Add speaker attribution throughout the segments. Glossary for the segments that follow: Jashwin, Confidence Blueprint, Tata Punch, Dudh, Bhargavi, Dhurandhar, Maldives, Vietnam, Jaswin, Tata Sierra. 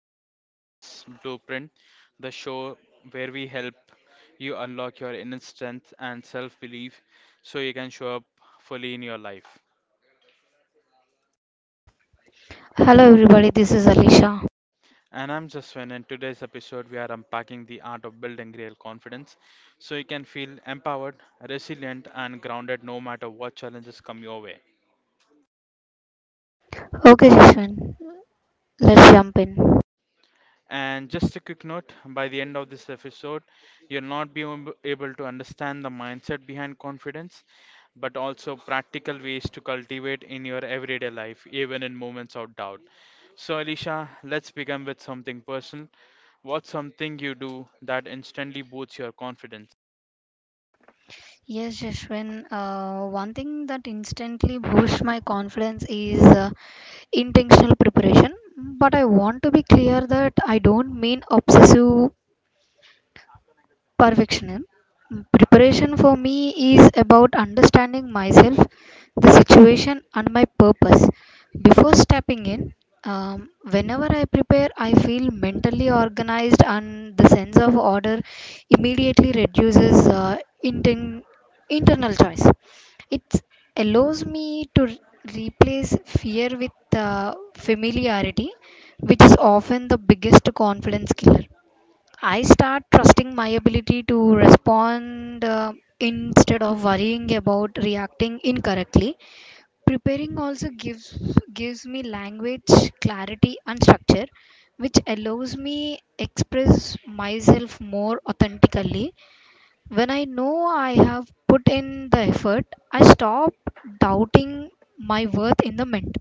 Speaker 1: to the Confidence Blueprint, the show where we help you unlock your inner strength and self belief so you can show up fully in your life.
Speaker 2: Hello everybody, this is Alisha.
Speaker 1: And I'm Jaswin, and today's episode we are unpacking the art of building real confidence so you can feel empowered, resilient, and grounded no matter what challenges come your way.
Speaker 2: Okay, Jashwin, let's jump in.
Speaker 1: And just a quick note by the end of this episode, you'll not be able to understand the mindset behind confidence, but also practical ways to cultivate in your everyday life, even in moments of doubt. So, Alicia, let's begin with something personal. What's something you do that instantly boosts your confidence?
Speaker 2: Yes, Jashwin, one thing that instantly boosts my confidence is intentional preparation. But I want to be clear that I don't mean obsessive perfectionism. Preparation for me is about understanding myself, the situation, and my purpose. Before stepping in, whenever I prepare, I feel mentally organized, and the sense of order immediately reduces inten- internal choice. It allows me to replace fear with familiarity, which is often the biggest confidence killer. I start trusting my ability to respond instead of worrying about reacting incorrectly. Preparing also gives me language clarity and structure, which allows me express myself more authentically. When I know I have put in the effort, I stop doubting my worth in the moment.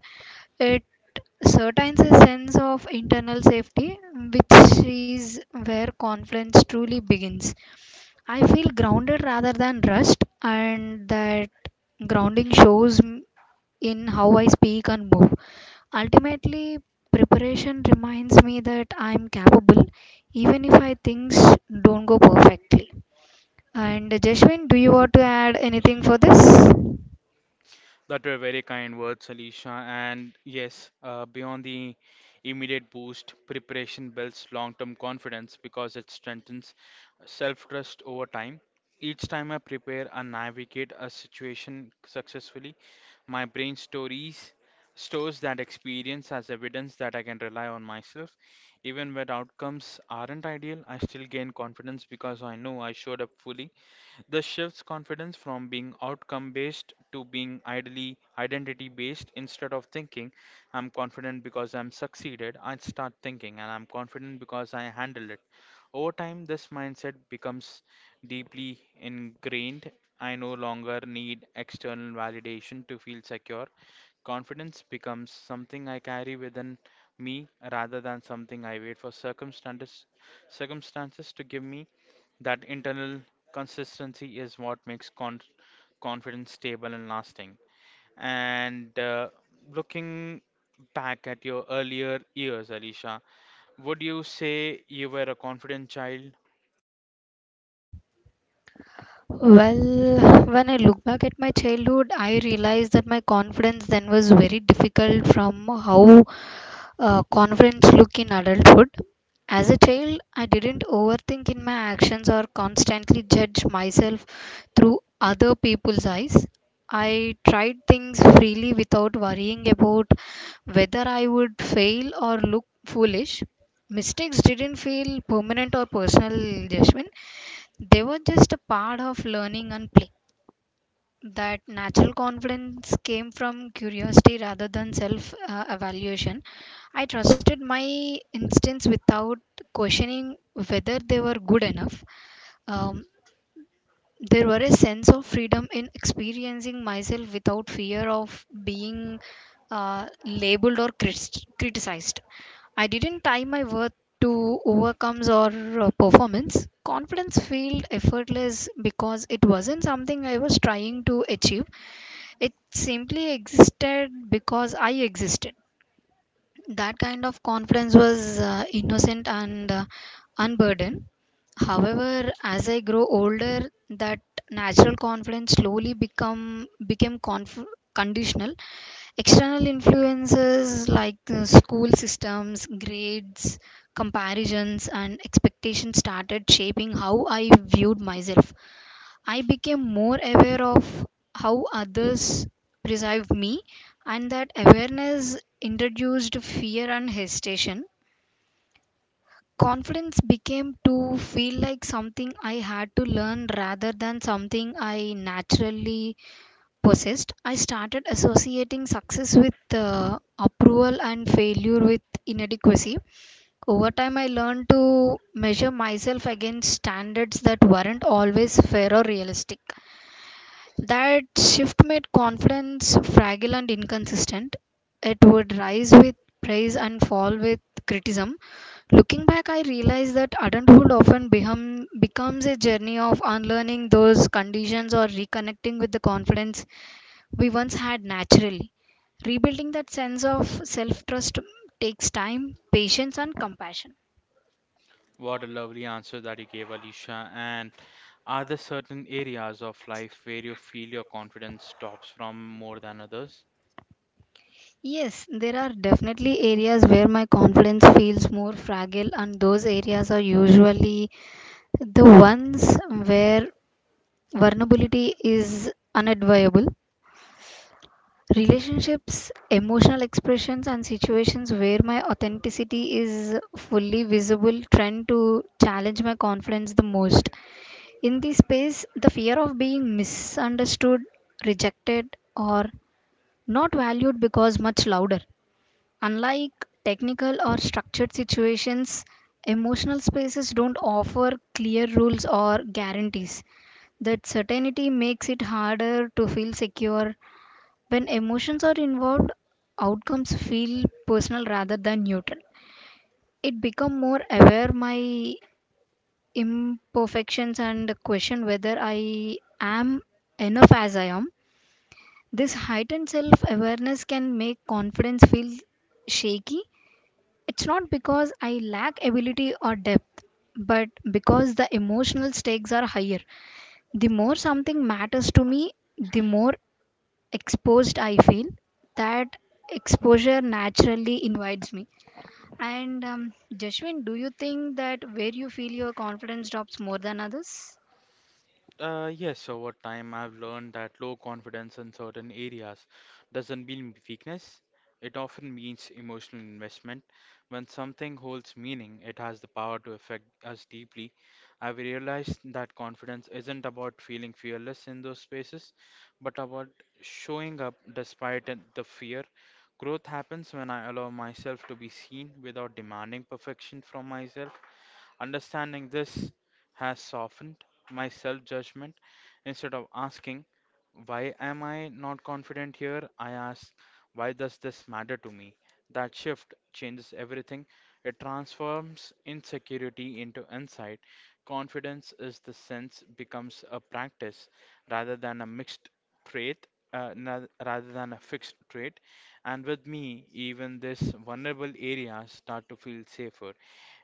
Speaker 2: It certains a sense of internal safety, which is where confidence truly begins. I feel grounded rather than rushed, and that grounding shows in how I speak and move. Ultimately, preparation reminds me that I'm capable, even if I things don't go perfectly. And Jeshwin, do you want to add anything for this?
Speaker 1: That were very kind words, Alicia. And yes, beyond the immediate boost, preparation builds long term confidence because it strengthens self trust over time. Each time I prepare and navigate a situation successfully, my brain stories stores that experience as evidence that I can rely on myself. Even when outcomes aren't ideal, I still gain confidence because I know I showed up fully. This shifts confidence from being outcome based to being ideally identity based. Instead of thinking, I'm confident because I'm succeeded, I start thinking, and I'm confident because I handled it. Over time, this mindset becomes deeply ingrained. I no longer need external validation to feel secure. Confidence becomes something I carry within me rather than something I wait for circumstances to give me. That internal consistency is what makes confidence stable and lasting. And looking back at your earlier years, Alicia, would you say you were a confident child?
Speaker 2: Well, when I look back at my childhood, I realized that my confidence then was very difficult from how confidence look in adulthood. As a child, I didn't overthink in my actions or constantly judge myself through other people's eyes. I tried things freely without worrying about whether I would fail or look foolish. Mistakes didn't feel permanent or personal, Jashwin. They were just a part of learning and play, that natural confidence came from curiosity rather than self evaluation. I trusted my instincts without questioning whether they were good enough. Um, there were a sense of freedom in experiencing myself without fear of being labeled or criticized. I didn't tie my worth to overcomes or performance. Confidence felt effortless because it wasn't something I was trying to achieve, it simply existed because I existed. That kind of confidence was innocent and unburdened. However, as I grow older, that natural confidence slowly become became conditional. External influences like school systems, grades, comparisons, and expectations started shaping how I viewed myself. I became more aware of how others perceive me, and that awareness introduced fear and hesitation. Confidence became to feel like something I had to learn rather than something I naturally possessed. I started associating success with approval and failure with inadequacy. Over time, I learned to measure myself against standards that weren't always fair or realistic. That shift made confidence fragile and inconsistent. It would rise with praise and fall with criticism. Looking back, I realized that adulthood often becomes a journey of unlearning those conditions or reconnecting with the confidence we once had naturally. Rebuilding that sense of self trust takes time, patience, and compassion.
Speaker 1: What a lovely answer that you gave, Alicia. And are there certain areas of life where you feel your confidence stops from more than others?
Speaker 2: Yes, there are definitely areas where my confidence feels more fragile, and those areas are usually the ones where vulnerability is unavoidable. Relationships, emotional expressions, and situations where my authenticity is fully visible tend to challenge my confidence the most. In this space, the fear of being misunderstood, rejected, or not valued because much louder. Unlike technical or structured situations, emotional spaces don't offer clear rules or guarantees. That certainty makes it harder to feel secure. When emotions are involved, outcomes feel personal rather than neutral. It become more aware my imperfections and question whether I am enough as I am. This heightened self-awareness can make confidence feel shaky. It's not because I lack ability or depth, but because the emotional stakes are higher. The more something matters to me, the more exposed I feel. That exposure naturally invites me, and Jashwin, do you think that where you feel your confidence drops more than others?
Speaker 1: Yes, so over time, I've learned that low confidence in certain areas doesn't mean weakness. It often means emotional investment. When something holds meaning, it has the power to affect us deeply. I've realized that confidence isn't about feeling fearless in those spaces, but about showing up despite the fear. Growth happens when I allow myself to be seen without demanding perfection from myself. Understanding this has softened my self judgment. Instead of asking, why am I not confident here? I ask, why does this matter to me? That shift changes everything. It transforms insecurity into insight. Confidence is the sense becomes a practice rather than a mixed trait, rather than a fixed trait. And with me, even this vulnerable areas start to feel safer.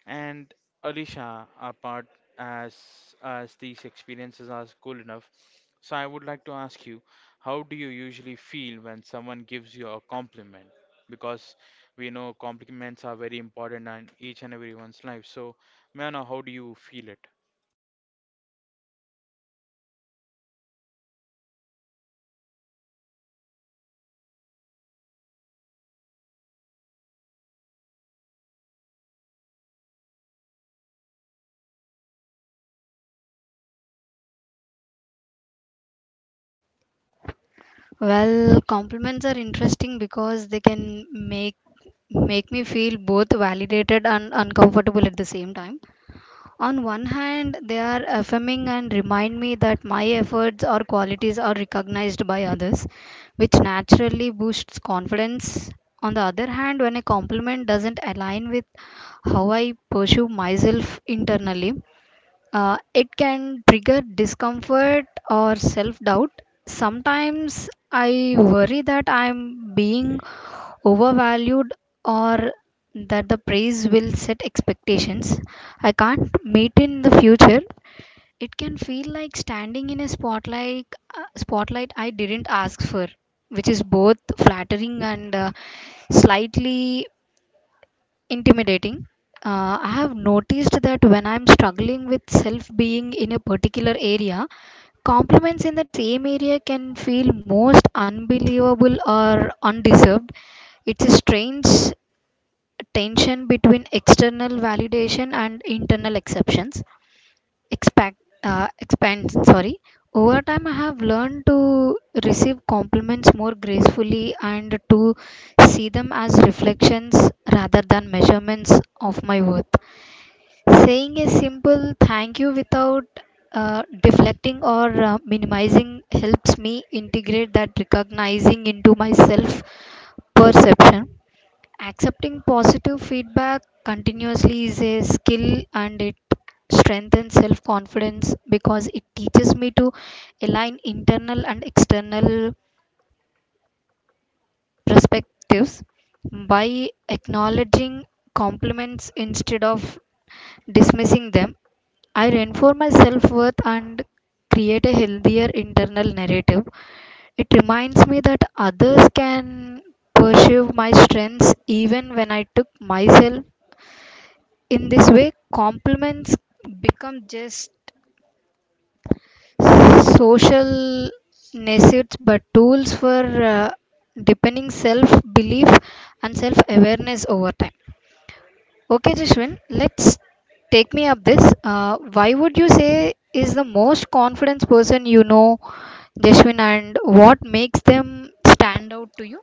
Speaker 1: And Alisha, apart as as these experiences are cool enough, so I would like to ask you, how do you usually feel when someone gives you a compliment? Because we know compliments are very important in each and everyone's life. So, may I know how do you feel it?
Speaker 2: Well, compliments are interesting because they can make make me feel both validated and uncomfortable at the same time. On one hand, they are affirming and remind me that my efforts or qualities are recognized by others, which naturally boosts confidence. On the other hand, when a compliment doesn't align with how I pursue myself internally, it can trigger discomfort or self doubt. Sometimes I worry that I'm being overvalued or that the praise will set expectations I can't meet in the future. It can feel like standing in a spotlight, spotlight I didn't ask for, which is both flattering and slightly intimidating. I have noticed that when I'm struggling with self being in a particular area, compliments in that same area can feel most unbelievable or undeserved. It's a strange tension between external validation and internal exceptions, expect expand, sorry. Over time, I have learned to receive compliments more gracefully and to see them as reflections rather than measurements of my worth. Saying a simple thank you without deflecting or minimizing helps me integrate that recognizing into my self perception. Accepting positive feedback continuously is a skill, and it strengthens self confidence because it teaches me to align internal and external perspectives. By acknowledging compliments instead of dismissing them, I reinforce my self worth and create a healthier internal narrative. It reminds me that others can perceive my strengths even when I took myself. In this way, compliments become just social necessities but tools for uh, deepening self belief and self awareness over time. Okay, Jashwin, let's take me up this. Why would you say is the most confident person you know, Jashwin, and what makes them stand out to you?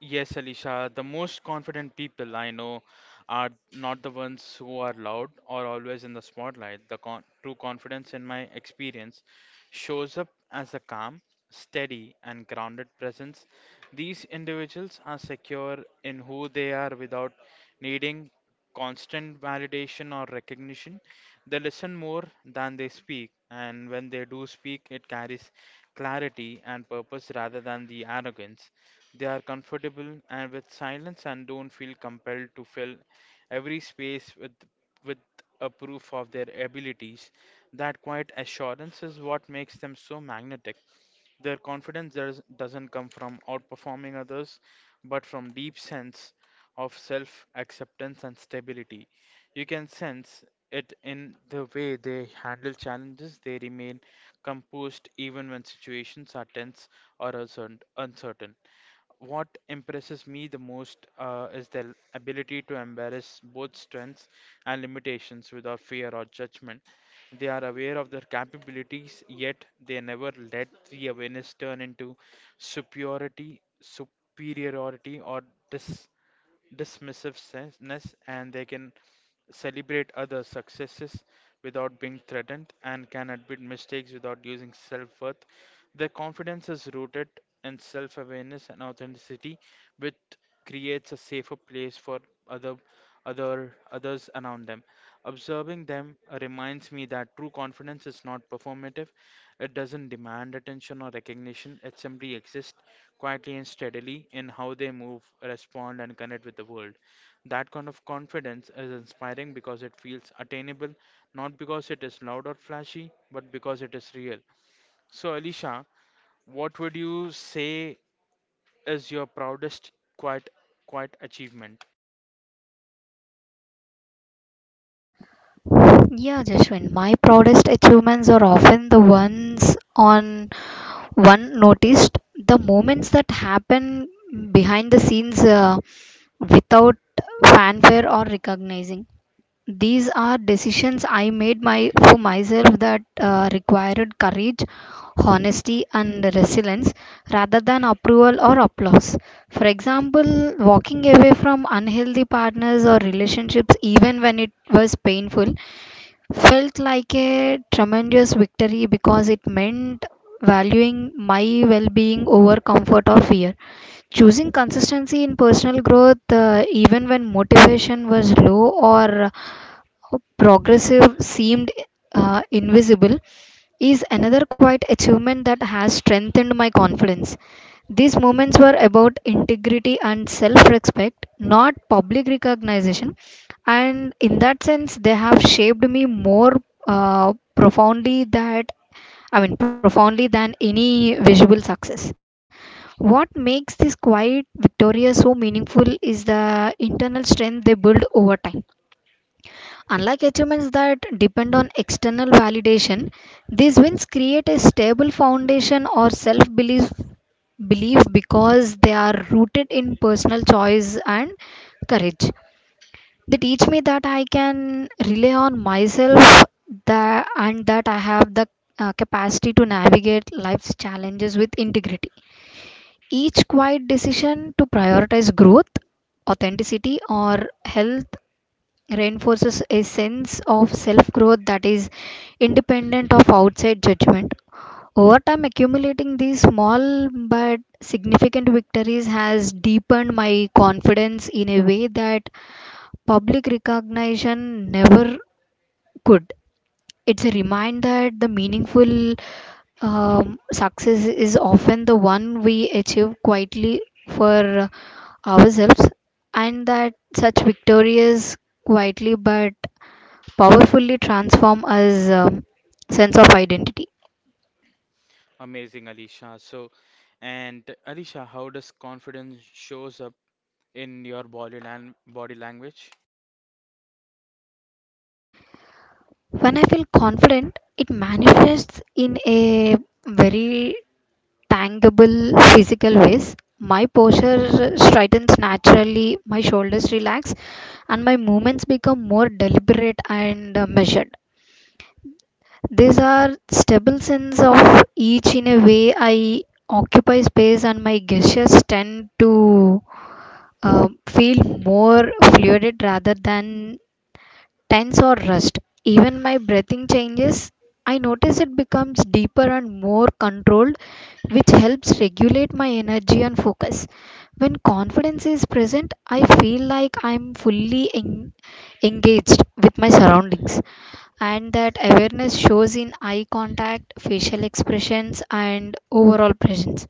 Speaker 1: Yes, Alisha, the most confident people I know are not the ones who are loud or always in the spotlight. The true confidence, in my experience, shows up as a calm, steady, and grounded presence. These individuals are secure in who they are without needing constant validation or recognition. They listen more than they speak, and when they do speak, it carries clarity and purpose rather than the arrogance. They are comfortable and with silence and don't feel compelled to fill every space with with a proof of their abilities. That quiet assurance is what makes them so magnetic. Their doesn't come from outperforming others, but from deep sense of self-acceptance and stability. You can sense it in the way they handle challenges. They remain composed even when situations are tense or uncertain. What impresses me the most is their ability to embrace both strengths and limitations without fear or judgment. They are aware of their capabilities, yet they never let the awareness turn into superiority, or dis dismissiveness, and they can celebrate others' successes without being threatened, and can admit mistakes without losing self worth. Their confidence is rooted in self awareness and authenticity, which creates a safer place for other others around them. Observing them reminds me that true confidence is not performative. It doesn't demand attention or recognition. It simply exists quietly and steadily in how they move, respond, and connect with the world. That kind of confidence is inspiring because it feels attainable, not because it is loud or flashy, but because it is real. So, Alicia, what would you say is your proudest quiet, quiet achievement?
Speaker 2: Yeah, Jashwin, my proudest achievements are often the ones on one noticed, the moments that happen behind the scenes without fanfare or recognizing. These are decisions I made my for myself that required courage, honesty, and resilience rather than approval or applause. For example, walking away from unhealthy partners or relationships, even when it was painful, felt like a tremendous victory because it meant valuing my well being over comfort or fear. Choosing consistency in personal growth, even when motivation was low or progressive, seemed invisible, is another quiet achievement that has strengthened my confidence. These moments were about integrity and self respect, not public recognition. And in that sense, they have shaped me more profoundly that, I mean profoundly, than any visible success. What makes this quiet victoria so meaningful is the internal strength they build over time. Unlike achievements that depend on external validation, these wins create a stable foundation or self belief because they are rooted in personal choice and courage. They teach me that I can rely on myself, that, and that I have the capacity to navigate life's challenges with integrity. Each quiet decision to prioritize growth, authenticity, or health reinforces a sense of self growth that is independent of outside judgment. Over time, accumulating these small but significant victories has deepened my confidence in a way that public recognition never could. It's a reminder that the meaningful success is often the one we achieve quietly for ourselves, and that such victories quietly but powerfully transform us, sense of identity.
Speaker 1: Amazing, Alicia. So, and Alicia, how does confidence shows up in your body language?
Speaker 2: When I feel confident, it manifests in a very tangible physical ways. My posture straightens naturally, my shoulders relax, and my movements become more deliberate and measured. These are stable sense of each in a way I occupy space, and my gestures tend to uh, feel more fluid rather than tense or rushed. Even my breathing changes. I notice it becomes deeper and more controlled, which helps regulate my energy and focus. When confidence is present, I feel like I'm fully engaged with my surroundings, and that awareness shows in eye contact, facial expressions, and overall presence.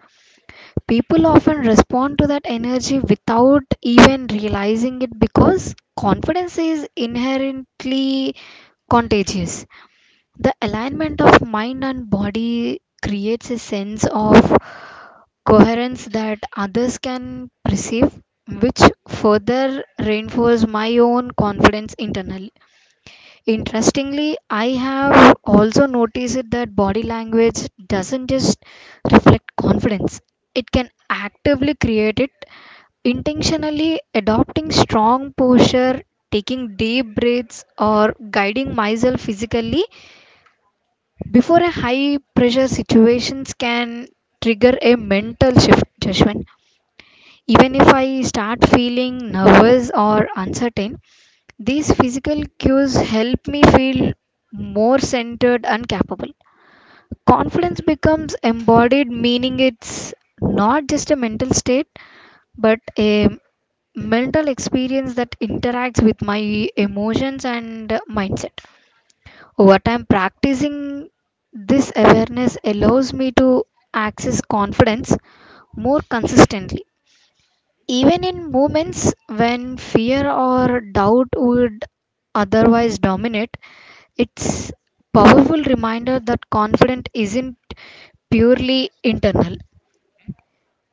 Speaker 2: People often respond to that energy without even realizing it because confidence is inherently contagious. The alignment of mind and body creates a sense of coherence that others can perceive, which further reinforces my own confidence internally. Interestingly, I have also noticed that body language doesn't just reflect confidence, it can actively create it. Intentionally adopting strong posture, taking deep breaths, or guiding myself physically before a high pressure situations can trigger a mental shift judgment, even if I start feeling nervous or uncertain. These physical cues help me feel more centered and capable. Confidence becomes embodied, meaning it's not just a mental state but a mental experience that interacts with my emotions and mindset. Over time, practicing this awareness allows me to access confidence more consistently. Even in moments when fear or doubt would otherwise dominate, it's powerful reminder that confidence isn't purely internal.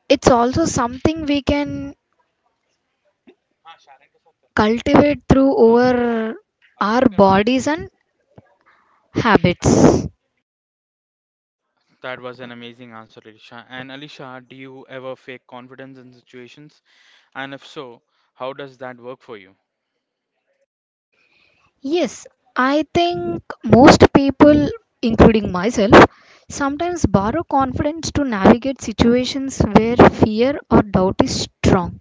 Speaker 2: It's also something we can cultivate through our bodies and habits.
Speaker 1: That was an amazing answer, Alicia. And Alicia, do you ever fake confidence in situations? And if so, how does that work for you?
Speaker 2: Yes, I think most people, including myself, sometimes borrow confidence to navigate situations where fear or doubt is strong.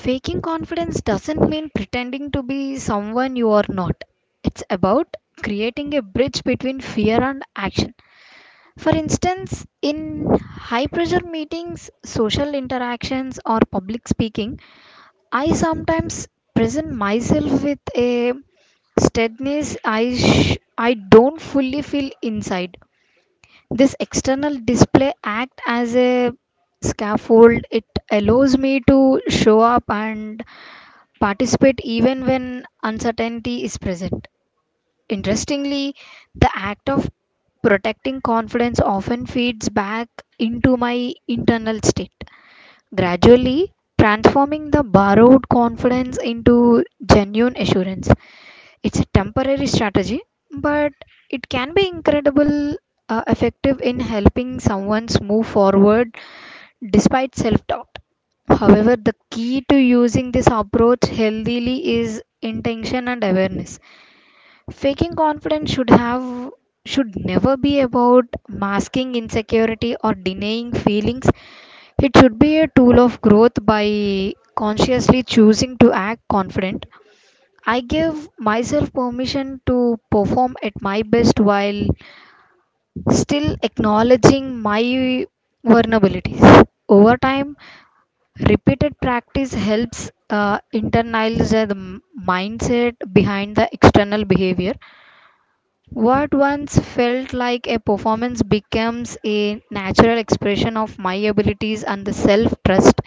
Speaker 2: Faking confidence doesn't mean pretending to be someone you are not. It's about creating a bridge between fear and action. For instance, in high pressure meetings, social interactions, or public speaking, I sometimes present myself with a steadiness I don't fully feel inside. This external display act as a scaffold. It allows me to show up and participate even when uncertainty is present. Interestingly, the act of protecting confidence often feeds back into my internal state, gradually transforming the borrowed confidence into genuine assurance. It's a temporary strategy, but it can be incredible effective in helping someone move forward despite self doubt. However, the key to using this approach healthily is intention and awareness. Faking confidence should never be about masking insecurity or denying feelings. It should be a tool of growth by consciously choosing to act confident. I give myself permission to perform at my best while still acknowledging my vulnerabilities. Over time, repeated practice helps internalize the mindset behind the external behavior. What once felt like a performance becomes a natural expression of my abilities and the self trust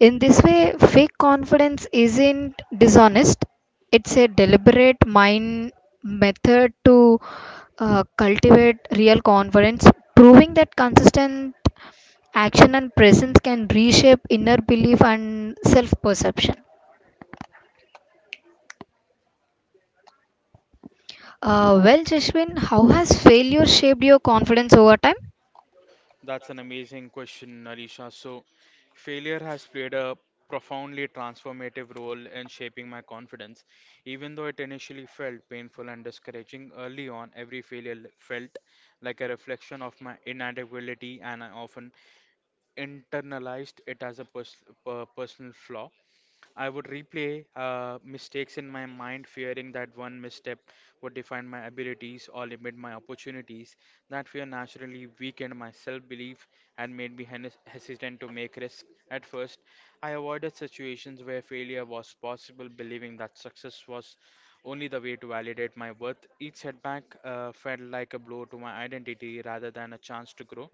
Speaker 2: in this way, fake confidence isn't dishonest, it's a deliberate mind method to cultivate real confidence, proving that consistent action and presence can reshape inner belief and self perception. Well, Jashwin, how has failure shaped your confidence over time?
Speaker 1: That's an amazing question, Alisha. So, failure has played a profoundly transformative role in shaping my confidence. Even though it initially felt painful and discouraging early on, every felt like a reflection of my inadequacy, and I often internalized it as a personal flaw. I would replay mistakes in my mind, fearing that one misstep would define my abilities or limit my opportunities. That fear naturally weakened my self belief and made me hesitant to make risks. At first, I avoided situations where failure was possible, believing that success was only the way to validate my worth. Each setback felt like a blow to my identity rather than a chance to grow,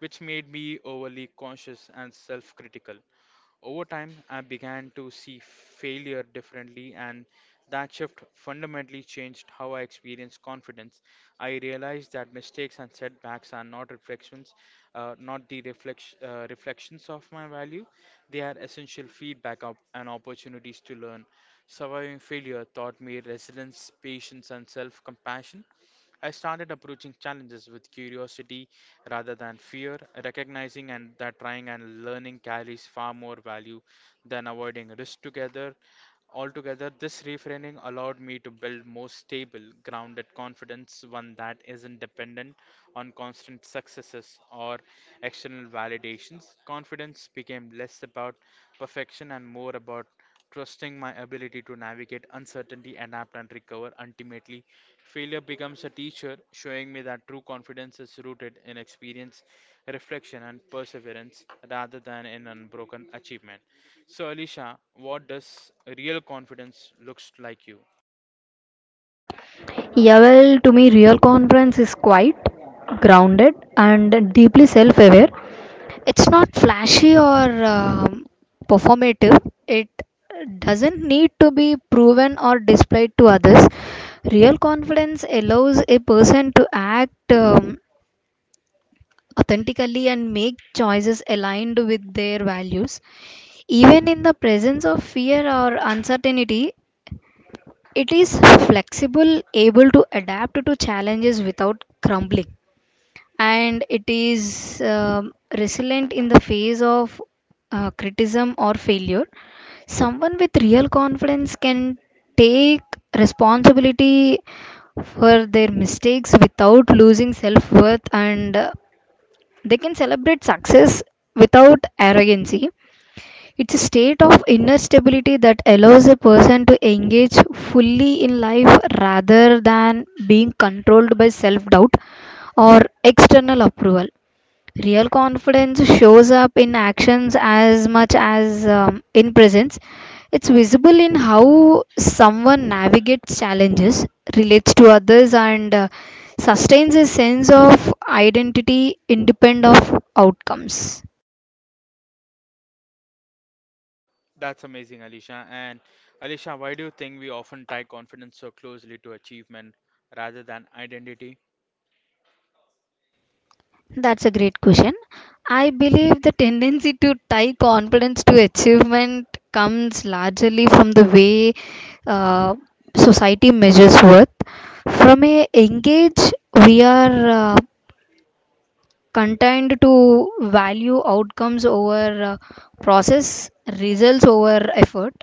Speaker 1: which made me overly cautious and self critical. Over time, I began to see failure differently, and that shift fundamentally changed how I experienced confidence. I realized that mistakes and setbacks are not reflections, not the reflex, reflections of my value. They are essential feedback op- and opportunities to learn. Surviving failure taught me resilience, patience, and self compassion. I started approaching challenges with curiosity rather than fear, recognizing and that trying and learning carries far more value than avoiding risk together. Altogether, this reframing allowed me to build more stable, grounded confidence, one that isn't dependent on constant successes or external validations. Confidence became less about perfection and more about trusting my ability to navigate uncertainty, adapt, and recover. Ultimately, failure becomes a teacher, showing me that true confidence is rooted in experience, reflection, and perseverance rather than in unbroken achievement. So, Alicia, what does real confidence looks like you?
Speaker 2: Yeah, well, to me, real confidence is quite grounded, and deeply self aware. It's not flashy or performative. It doesn't need to be proven or displayed to others. Real confidence allows a person to act authentically and make choices aligned with their values. Even in the presence of fear or uncertainty, it is flexible, able to adapt to challenges without crumbling and it is resilient in the face of criticism or failure. Someone with real confidence can take responsibility for their mistakes without losing self worth and they can celebrate success without arrogancy. It's a state of inner stability that allows a person to engage fully in life rather than being controlled by self doubt or external approval. Real confidence shows up in actions as much as in presence. It's visible in how someone navigates challenges, relates to others, and sustains a sense of identity independent of outcomes.
Speaker 1: That's amazing, Alicia. And Alicia, why do you think we often tie confidence so closely to achievement rather than identity?
Speaker 2: That's a great question. I believe the tendency to tie confidence to achievement comes largely from the way uh, society measures worth. From a engage, we are content to value outcomes over process, results over effort.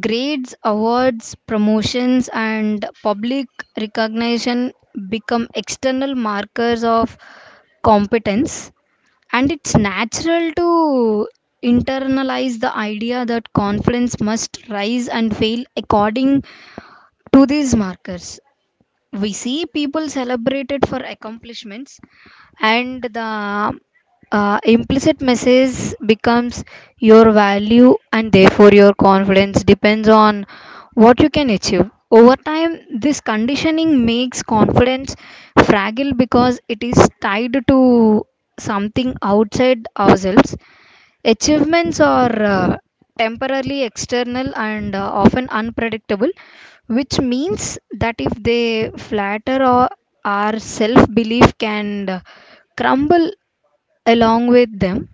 Speaker 2: Grades, awards, promotions, and public recognition become external markers of competence and it's natural to internalize the idea that confidence must rise and fail according to these markers we see people celebrated for accomplishments and the implicit message becomes your value and therefore your confidence depends on what you can achieve over time this conditioning makes confidence fragile because it is tied to something outside ourselves. Achievements are temporarily external and often unpredictable, which means that if they flatter or our self belief can crumble along with them.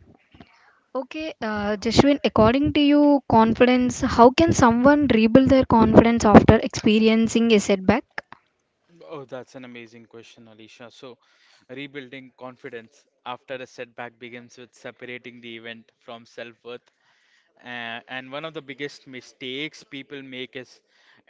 Speaker 2: Okay, Jashwin, according to you, confidence, how can someone rebuild their confidence after experiencing a setback?
Speaker 1: Oh, that's an amazing question, Alicia. So, rebuilding confidence after a setback begins with separating the event from self-worth. And one of the biggest mistakes people make is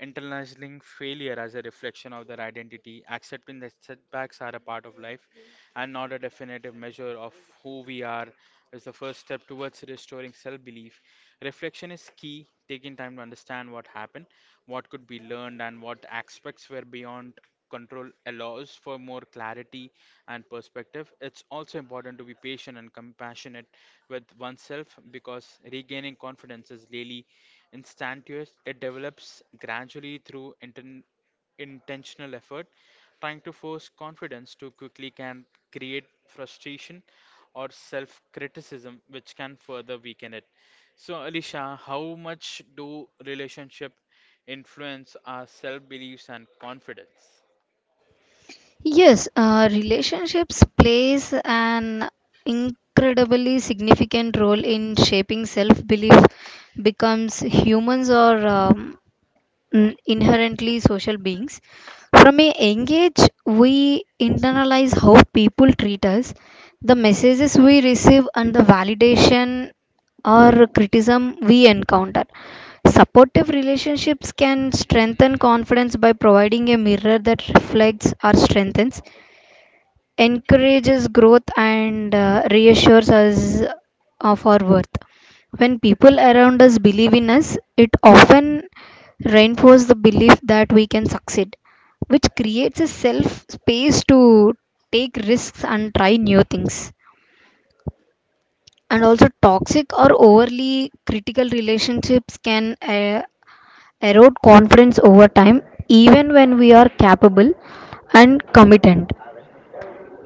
Speaker 1: internalizing failure as a reflection of their identity. Accepting that setbacks are a part of life and not a definitive measure of who we are is the first step towards restoring self-belief. Reflection is key, taking time to understand what happened, what could be learned, and what aspects were beyond control allows for more clarity and perspective. It's also important to be patient and compassionate with oneself because regaining confidence is really instantaneous. It develops gradually through intentional effort. Trying to force confidence too quickly can create frustration or self criticism, which can further weaken it. So, Alicia, how much do relationship influence our self beliefs and confidence?
Speaker 2: Yes, relationships plays an incredibly significant role in shaping self-belief becomes humans are inherently social beings. From a young age, we internalize how people treat us, the messages we receive, and the validation or criticism we encounter. Supportive relationships can strengthen confidence by providing a mirror that reflects or strengthens encourages growth and reassures us of our worth. When people around us believe in us, it often reinforces the belief that we can succeed, which creates a self space to take risks and try new things. And also, toxic or overly critical relationships can erode confidence over time, even when we are capable and competent.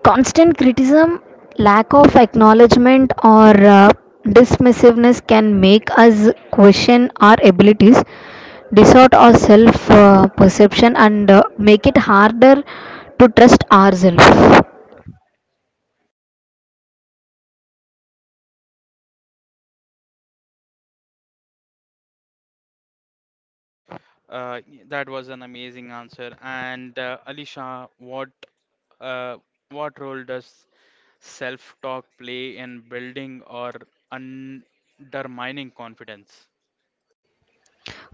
Speaker 2: Constant criticism, lack of acknowledgement, or dismissiveness can make us question our abilities, distort our self perception, and make it harder to trust ourselves.
Speaker 1: Uh, that was an amazing answer. And Alisha, uh, what role does self-talk play in building or undermining confidence?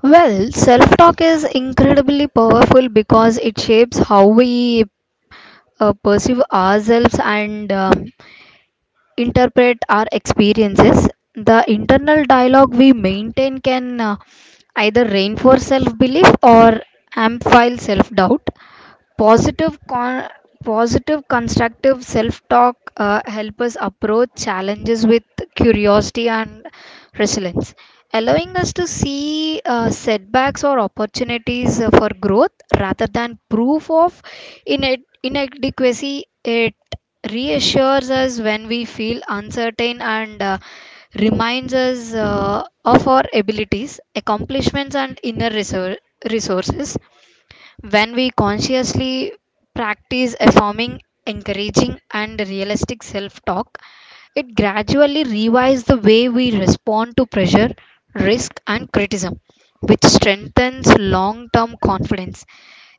Speaker 2: Well, self talk is incredibly powerful because it shapes how we perceive ourselves and interpret our experiences. The internal dialogue we maintain can either reinforce self belief or amplify self doubt. Positive, con- positive constructive self talk help us approach challenges with curiosity and resilience, allowing us to see setbacks or opportunities for growth rather than proof of inadequacy. It reassures us when we feel uncertain and reminds us of our abilities, accomplishments, and resources when we consciously practice affirming, encouraging, and realistic self talk, it gradually revives the way we respond to pressure, risk, and criticism, which strengthens long term confidence.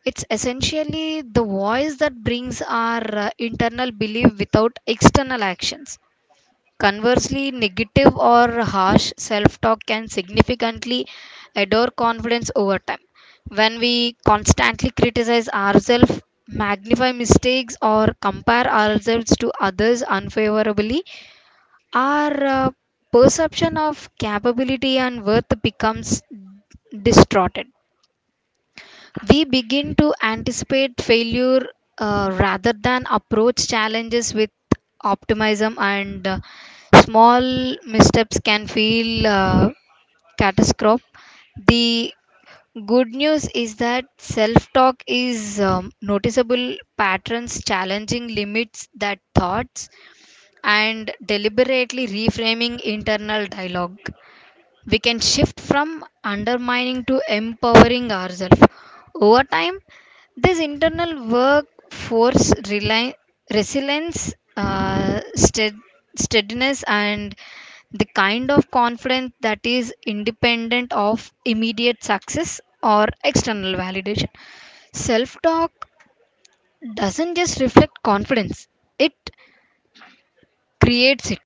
Speaker 2: It's essentially the voice that brings our internal belief without external actions. Conversely, negative or harsh self talk can significantly erode confidence over time. When we constantly criticize ourselves, magnify mistakes, or compare ourselves to others unfavorably, our perception of capability and worth becomes distorted. We begin to anticipate failure rather than approach challenges with optimism, and small missteps can feel catastrophic. The good news is that self talk is noticeable patterns challenging limits that thoughts and deliberately reframing internal dialogue we can shift from undermining to empowering ourselves. Over time, this internal workforce resilience, steadiness, and the kind of confidence that is independent of immediate success or external validation. Self talk doesn't just reflect confidence, it creates it.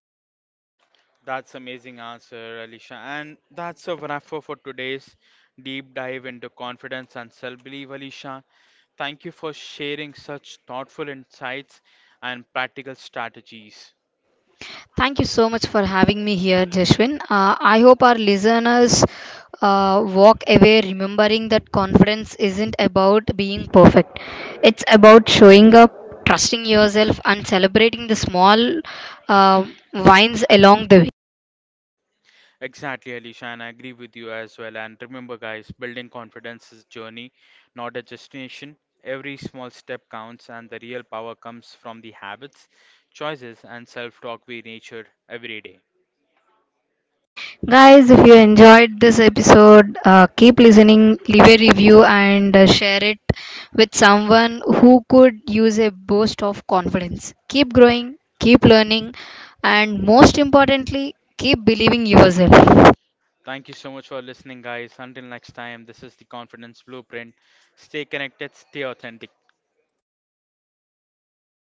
Speaker 1: That's amazing answer, Alicia. And that's a wrap for today's deep dive into confidence and self-belief, Alicia. Thank you for sharing such thoughtful insights and practical strategies.
Speaker 2: Thank you so much for having me here, Jashwin. I hope our listeners walk away remembering that confidence isn't about being perfect, it's about showing up, trusting yourself, and celebrating the small uh, wins along the way.
Speaker 1: Exactly, Alisha, and I agree with you as well. And remember, guys, building confidence is a journey, not a destination. Every small step counts, and the real power comes from the habits, choices, and self talk we nature every day.
Speaker 2: Guys, if you enjoyed this episode, keep listening, leave a review, and share it with someone who could use a boost of confidence. Keep growing, keep learning, and most importantly, keep believing yourself.
Speaker 1: Thank you so much for listening, guys. Until next time, this is the Confidence Blueprint. Stay connected, stay authentic.